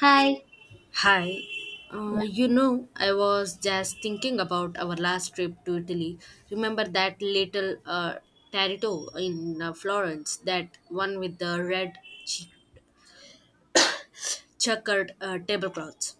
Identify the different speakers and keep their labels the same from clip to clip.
Speaker 1: Hi.
Speaker 2: Hi.
Speaker 1: Yeah.
Speaker 2: I was just thinking about our last trip to Italy. Remember that little tarito in Florence, that one with the red ch- checkered tablecloths?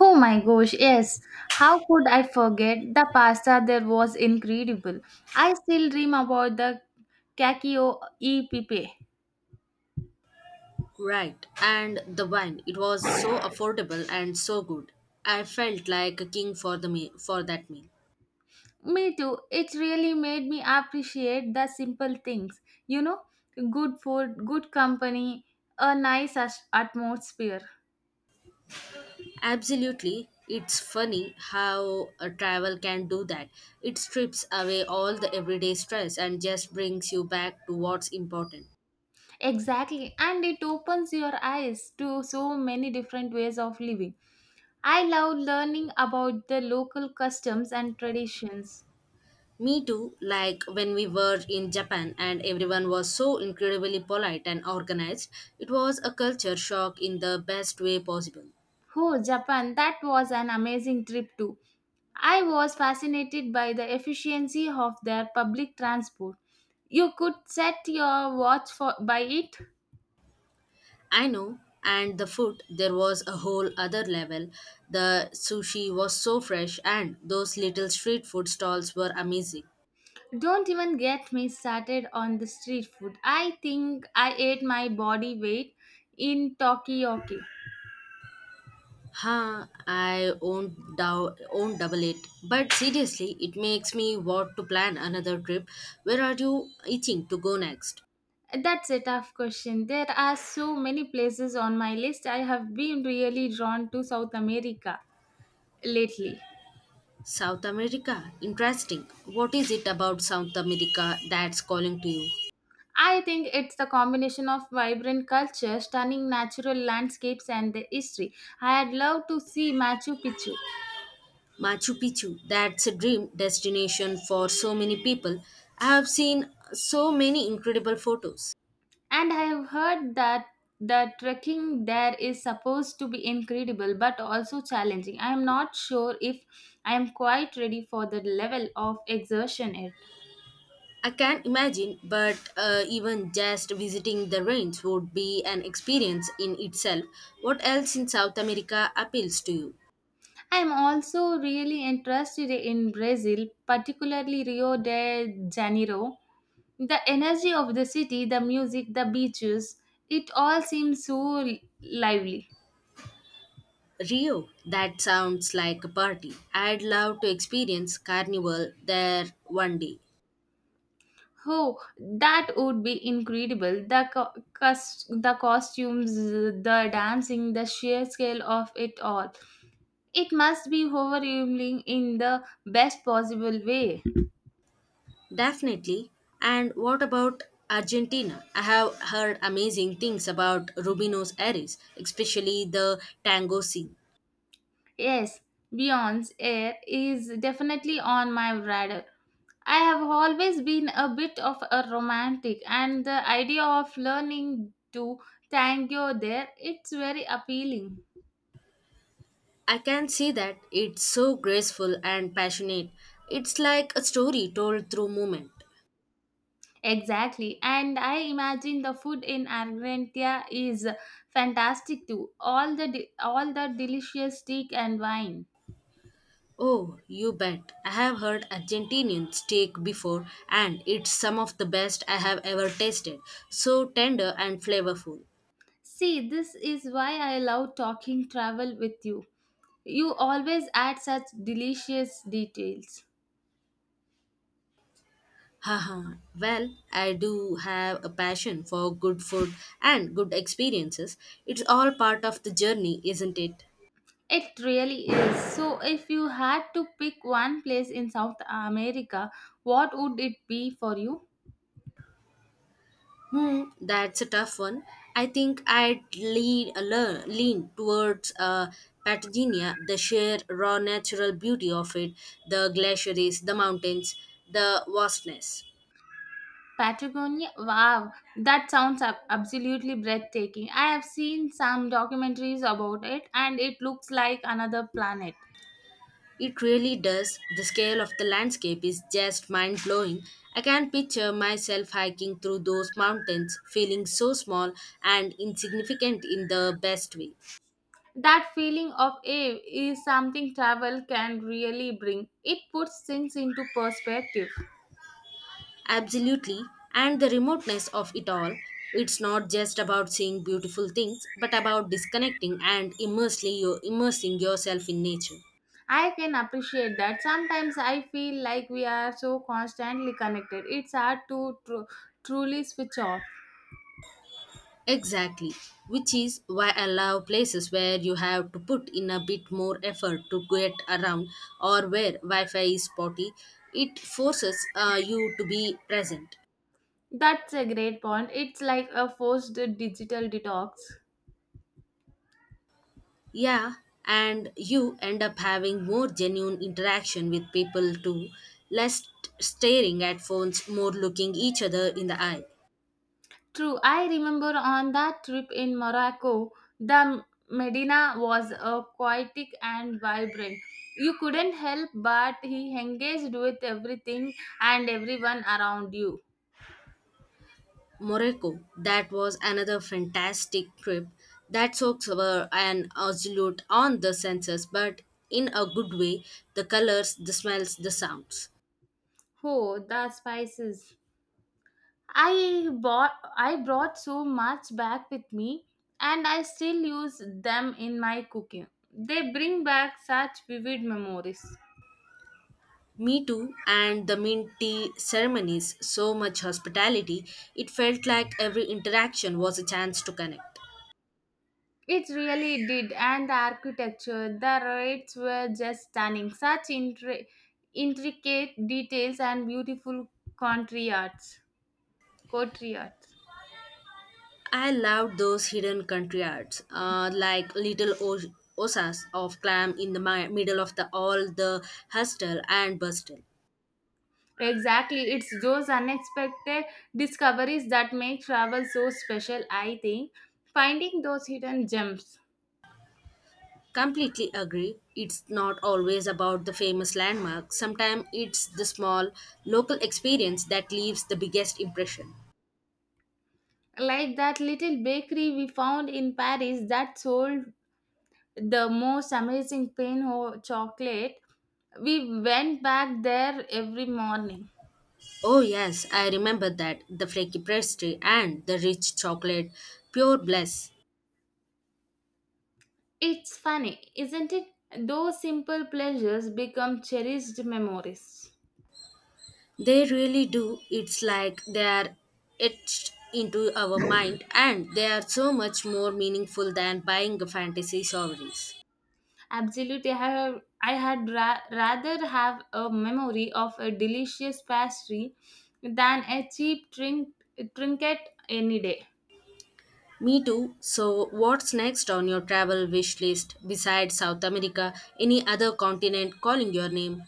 Speaker 1: Oh my gosh, yes. How could I forget? The pasta there was incredible. I still dream about the cacio e pepe.
Speaker 2: Right. And the wine. It was so affordable and so good. I felt like a king for for that meal.
Speaker 1: Me too. It really made me appreciate the simple things. You know, good food, good company, a nice atmosphere.
Speaker 2: Absolutely. It's funny how a travel can do that. It strips away all the everyday stress and just brings you back to what's important.
Speaker 1: Exactly. And it opens your eyes to so many different ways of living. I love learning about the local customs and traditions.
Speaker 2: Me too, like when we were in Japan and everyone was so incredibly polite and organized, it was a culture shock in the best way possible.
Speaker 1: Oh, Japan, that was an amazing trip too. I was fascinated by the efficiency of their public transport. You could set your watch for by it.
Speaker 2: I know, and the food, there was a whole other level. The sushi was so fresh, and those little street food stalls were amazing.
Speaker 1: Don't even get me started on the street food. I think I ate my body weight in Tokyo.
Speaker 2: I won't, dou- won't double it. But seriously, it makes me want to plan another trip. Where are you itching to go next?
Speaker 1: That's a tough question. There are so many places on my list. I have been really drawn to South America lately.
Speaker 2: South America? Interesting. What is it about South America that's calling to you?
Speaker 1: I think it's the combination of vibrant culture, stunning natural landscapes, and the history. I had loved to see Machu Picchu,
Speaker 2: Machu Picchu, that's a dream destination for so many people. I have seen so many incredible photos.
Speaker 1: and I have heard that the trekking there is supposed to be incredible but also challenging. I am not sure if I am quite ready for the level of exertion it.
Speaker 2: I can imagine, but even just visiting the range would be an experience in itself. What else in South America appeals to you?
Speaker 1: I am also really interested in Brazil, particularly Rio de Janeiro. The energy of the city, the music, the beaches, it all seems so lively.
Speaker 2: Rio, that sounds like a party. I'd love to experience carnival there one day.
Speaker 1: Oh, that would be incredible. The costumes, the dancing, the sheer scale of it all. It must be overwhelming in the best possible way.
Speaker 2: Definitely. And what about Argentina? I have heard amazing things about Rubinos Aires, especially the tango scene.
Speaker 1: Yes, Beyond's Air is definitely on my radar. I have always been a bit of a romantic, and the idea of learning to tango there it's very appealing.
Speaker 2: I can see that it's so graceful and passionate. It's like a story told through movement.
Speaker 1: Exactly, and I imagine the food in Argentina is fantastic too. All the delicious steak and wine.
Speaker 2: Oh, you bet. I have heard Argentinian steak before, and it's some of the best I have ever tasted. So tender and flavorful.
Speaker 1: See, this is why I love talking travel with you. You always add such delicious details.
Speaker 2: Haha. Well, I do have a passion for good food and good experiences. It's all part of the journey, isn't it?
Speaker 1: It really is. So, if you had to pick one place in South America, what would it be for you?
Speaker 2: Hmm, that's a tough one. I think lean towards Patagonia, the sheer raw natural beauty of it, the glaciers, the mountains, the vastness.
Speaker 1: Patagonia? Wow, that sounds absolutely breathtaking. I have seen some documentaries about it and it looks like another planet.
Speaker 2: It really does. The scale of the landscape is just mind blowing. I can picture myself hiking through those mountains, feeling so small and insignificant in the best way.
Speaker 1: That feeling of awe is something travel can really bring. It puts things into perspective.
Speaker 2: Absolutely. And the remoteness of it all. It's not just about seeing beautiful things, but about disconnecting and immersely immersing yourself in nature.
Speaker 1: I can appreciate that. Sometimes I feel like we are so constantly connected. It's hard to truly switch off.
Speaker 2: Exactly. Which is why I love places where you have to put in a bit more effort to get around or where Wi Fi is spotty. It forces you to be present.
Speaker 1: That's a great point. It's like a forced digital detox.
Speaker 2: Yeah, and you end up having more genuine interaction with people too, less staring at phones, more looking each other in the eye.
Speaker 1: True. I remember on that trip in Morocco, the Medina was poetic and vibrant. You couldn't help but he engaged with everything and everyone around you.
Speaker 2: Morocco, that was another fantastic trip that soaks were an absolute on the senses, but in a good way the colors, the smells, the sounds.
Speaker 1: Oh, the spices. I brought so much back with me and I still use them in my cooking. They bring back such vivid memories.
Speaker 2: Me too, and the mint tea ceremonies, so much hospitality, it felt like every interaction was a chance to connect.
Speaker 1: It really did and the architecture, the rates were just stunning. Such intricate details and beautiful country arts. Country arts.
Speaker 2: I love those hidden country arts, like little osas of clam in the middle of the all the hustle and bustle.
Speaker 1: Exactly, it's those unexpected discoveries that make travel so special, I think. Finding those hidden gems.
Speaker 2: Completely agree. It's not always about the famous landmark. Sometimes it's the small local experience that leaves the biggest impression.
Speaker 1: Like that little bakery we found in Paris that sold the most amazing pain pinot chocolate. We went back there every morning.
Speaker 2: Oh yes, I remember that the flaky pastry and the rich chocolate, pure bliss.
Speaker 1: It's funny, isn't it? Those simple pleasures become cherished memories.
Speaker 2: They really do. It's like they are etched into our mind and they are so much more meaningful than buying a fantasy sovereigns.
Speaker 1: Absolutely, I had rather have a memory of a delicious pastry than a cheap trinket any day.
Speaker 2: Me too. So, what's next on your travel wish list besides South America? Any other continent calling your name?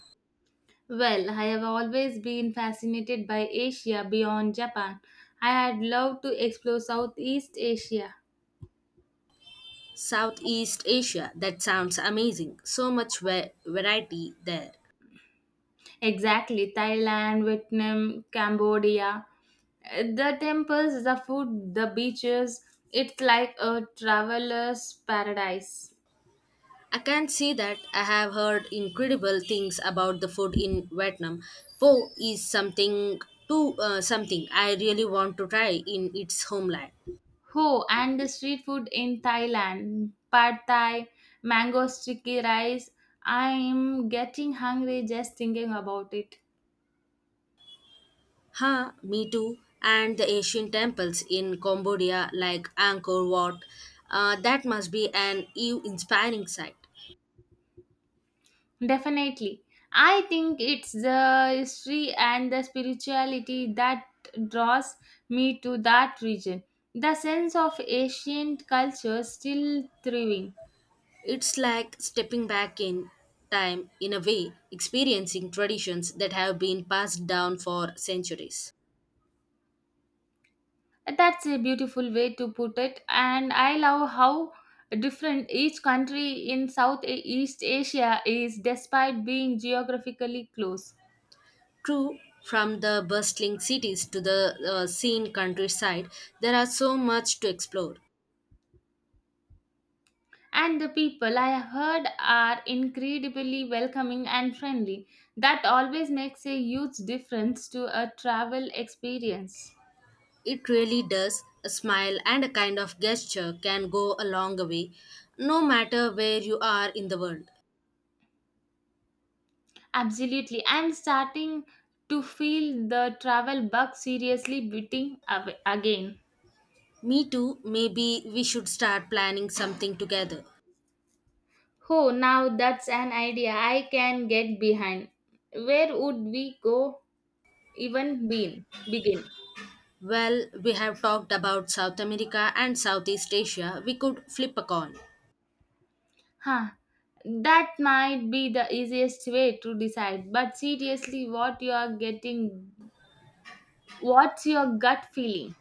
Speaker 1: Well, I have always been fascinated by Asia beyond Japan. I had loved to explore Southeast Asia.
Speaker 2: Southeast Asia. That sounds amazing. So much variety there.
Speaker 1: Exactly, Thailand, Vietnam, Cambodia. The temples, the food, the beaches. It's like a traveler's paradise.
Speaker 2: I can see that I have heard incredible things about the food in Vietnam. Pho is to something I really want to try in its homeland.
Speaker 1: Oh, and the street food in Thailand. Pad Thai, mango sticky rice. I'm getting hungry just thinking about it.
Speaker 2: Me too. And the Asian temples in Cambodia like Angkor Wat, that must be an awe-inspiring sight.
Speaker 1: Definitely. I think it's the history and the spirituality that draws me to that region. The sense of ancient culture still thriving.
Speaker 2: It's like stepping back in time in a way, experiencing traditions that have been passed down for centuries.
Speaker 1: That's a beautiful way to put it, and I love how different each country in Southeast Asia is despite being geographically close.
Speaker 2: True, from the bustling cities to the scene countryside, there are so much to explore.
Speaker 1: And the people I have heard are incredibly welcoming and friendly. That always makes a huge difference to a travel experience.
Speaker 2: It really does. A smile and a kind of gesture can go a long way, no matter where you are in the world.
Speaker 1: Absolutely. I'm starting to feel the travel bug seriously beating again.
Speaker 2: Me too, maybe we should start planning something together.
Speaker 1: Oh, now that's an idea I can get behind. Where would we go begin?
Speaker 2: Well, we have talked about South America and Southeast Asia. We could flip a coin.
Speaker 1: Huh. That might be the easiest way to decide. But seriously, what's your gut feeling?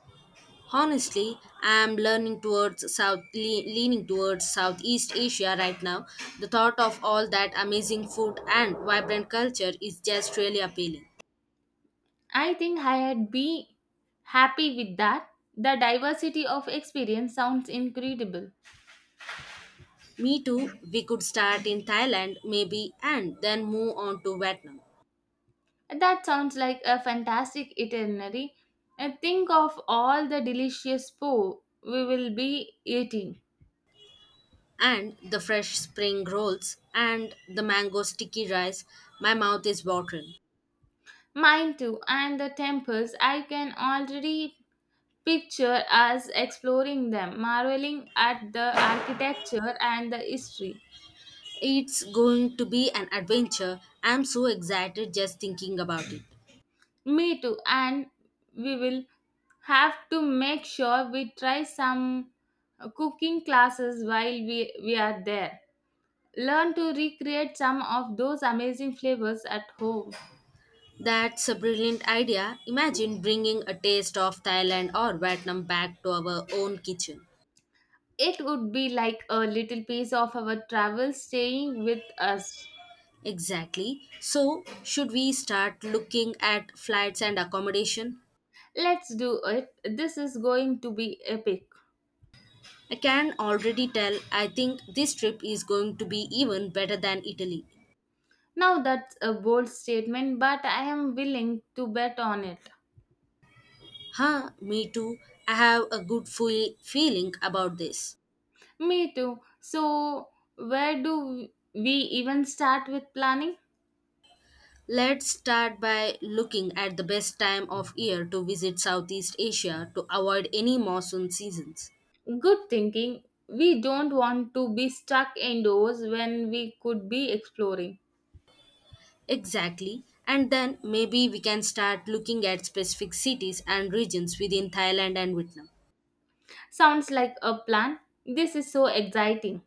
Speaker 2: Honestly, I'm learning towards south, le- leaning towards Southeast Asia right now. The thought of all that amazing food and vibrant culture is just really appealing.
Speaker 1: I think I had be happy with that. The diversity of experience sounds incredible.
Speaker 2: Me too. We could start in Thailand, maybe, and then move on to Vietnam.
Speaker 1: That sounds like a fantastic itinerary. And think of all the delicious po we will be eating.
Speaker 2: And the fresh spring rolls and the mango sticky rice. My mouth is watering.
Speaker 1: Mine too, and the temples. I can already picture us exploring them, marveling at the architecture and the history.
Speaker 2: It's going to be an adventure. I'm so excited just thinking about it.
Speaker 1: Me too, and we will have to make sure we try some cooking classes while we are there. Learn to recreate some of those amazing flavors at home.
Speaker 2: That's a brilliant idea. Imagine bringing a taste of Thailand or Vietnam back to our own kitchen.
Speaker 1: It would be like a little piece of our travel staying with us.
Speaker 2: Exactly. So, should we start looking at flights and accommodation?
Speaker 1: Let's do it. This is going to be epic.
Speaker 2: I can already tell I think this trip is going to be even better than Italy.
Speaker 1: Now that's a bold statement, but I am willing to bet on it.
Speaker 2: Me too. I have a good feeling about this.
Speaker 1: Me too. So, where do we even start with planning?
Speaker 2: Let's start by looking at the best time of year to visit Southeast Asia to avoid any monsoon seasons.
Speaker 1: Good thinking. We don't want to be stuck indoors when we could be exploring.
Speaker 2: Exactly. And then maybe we can start looking at specific cities and regions within Thailand and Vietnam.
Speaker 1: Sounds like a plan. This is so exciting.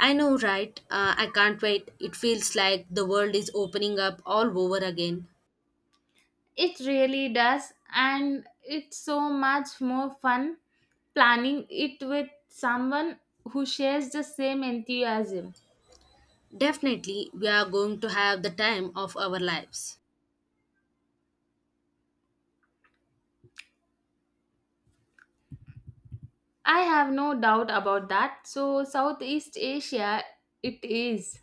Speaker 2: I know, right? I can't wait. It feels like the world is opening up all over again.
Speaker 1: It really does, and it's so much more fun planning it with someone who shares the same enthusiasm.
Speaker 2: Definitely, we are going to have the time of our lives.
Speaker 1: I have no doubt about that. So, Southeast Asia, it is.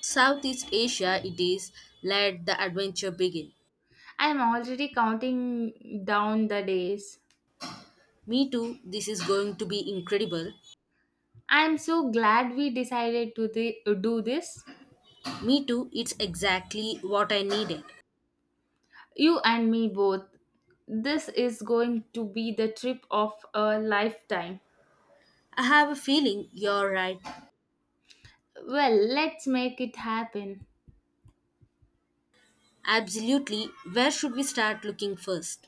Speaker 2: Southeast Asia, it is. Let the adventure begin.
Speaker 1: I'm already counting down the days.
Speaker 2: Me too, this is going to be incredible.
Speaker 1: I'm so glad we decided to do this.
Speaker 2: Me too, it's exactly what I needed.
Speaker 1: You and me both. This is going to be the trip of a lifetime.
Speaker 2: I have a feeling you're right.
Speaker 1: Well, let's make it happen.
Speaker 2: Absolutely. Where should we start looking first?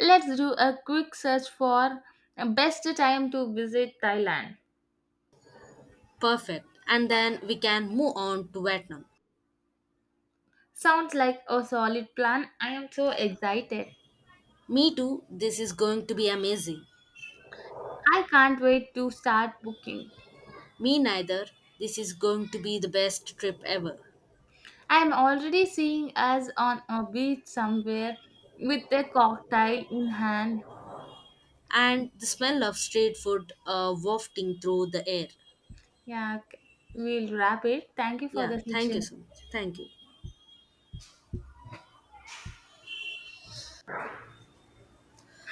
Speaker 1: Let's do a quick search for best time to visit Thailand.
Speaker 2: Perfect. And then we can move on to Vietnam.
Speaker 1: Sounds like a solid plan. I am so excited.
Speaker 2: Me too. This is going to be amazing.
Speaker 1: I can't wait to start booking.
Speaker 2: Me neither. This is going to be the best trip ever.
Speaker 1: I am already seeing us on a beach somewhere with a cocktail in hand.
Speaker 2: And the smell of street food wafting through the air.
Speaker 1: Yeah, okay. We'll wrap it. Thank you for
Speaker 2: Yeah,
Speaker 1: the
Speaker 2: thank you
Speaker 1: session.
Speaker 2: so much. Thank you.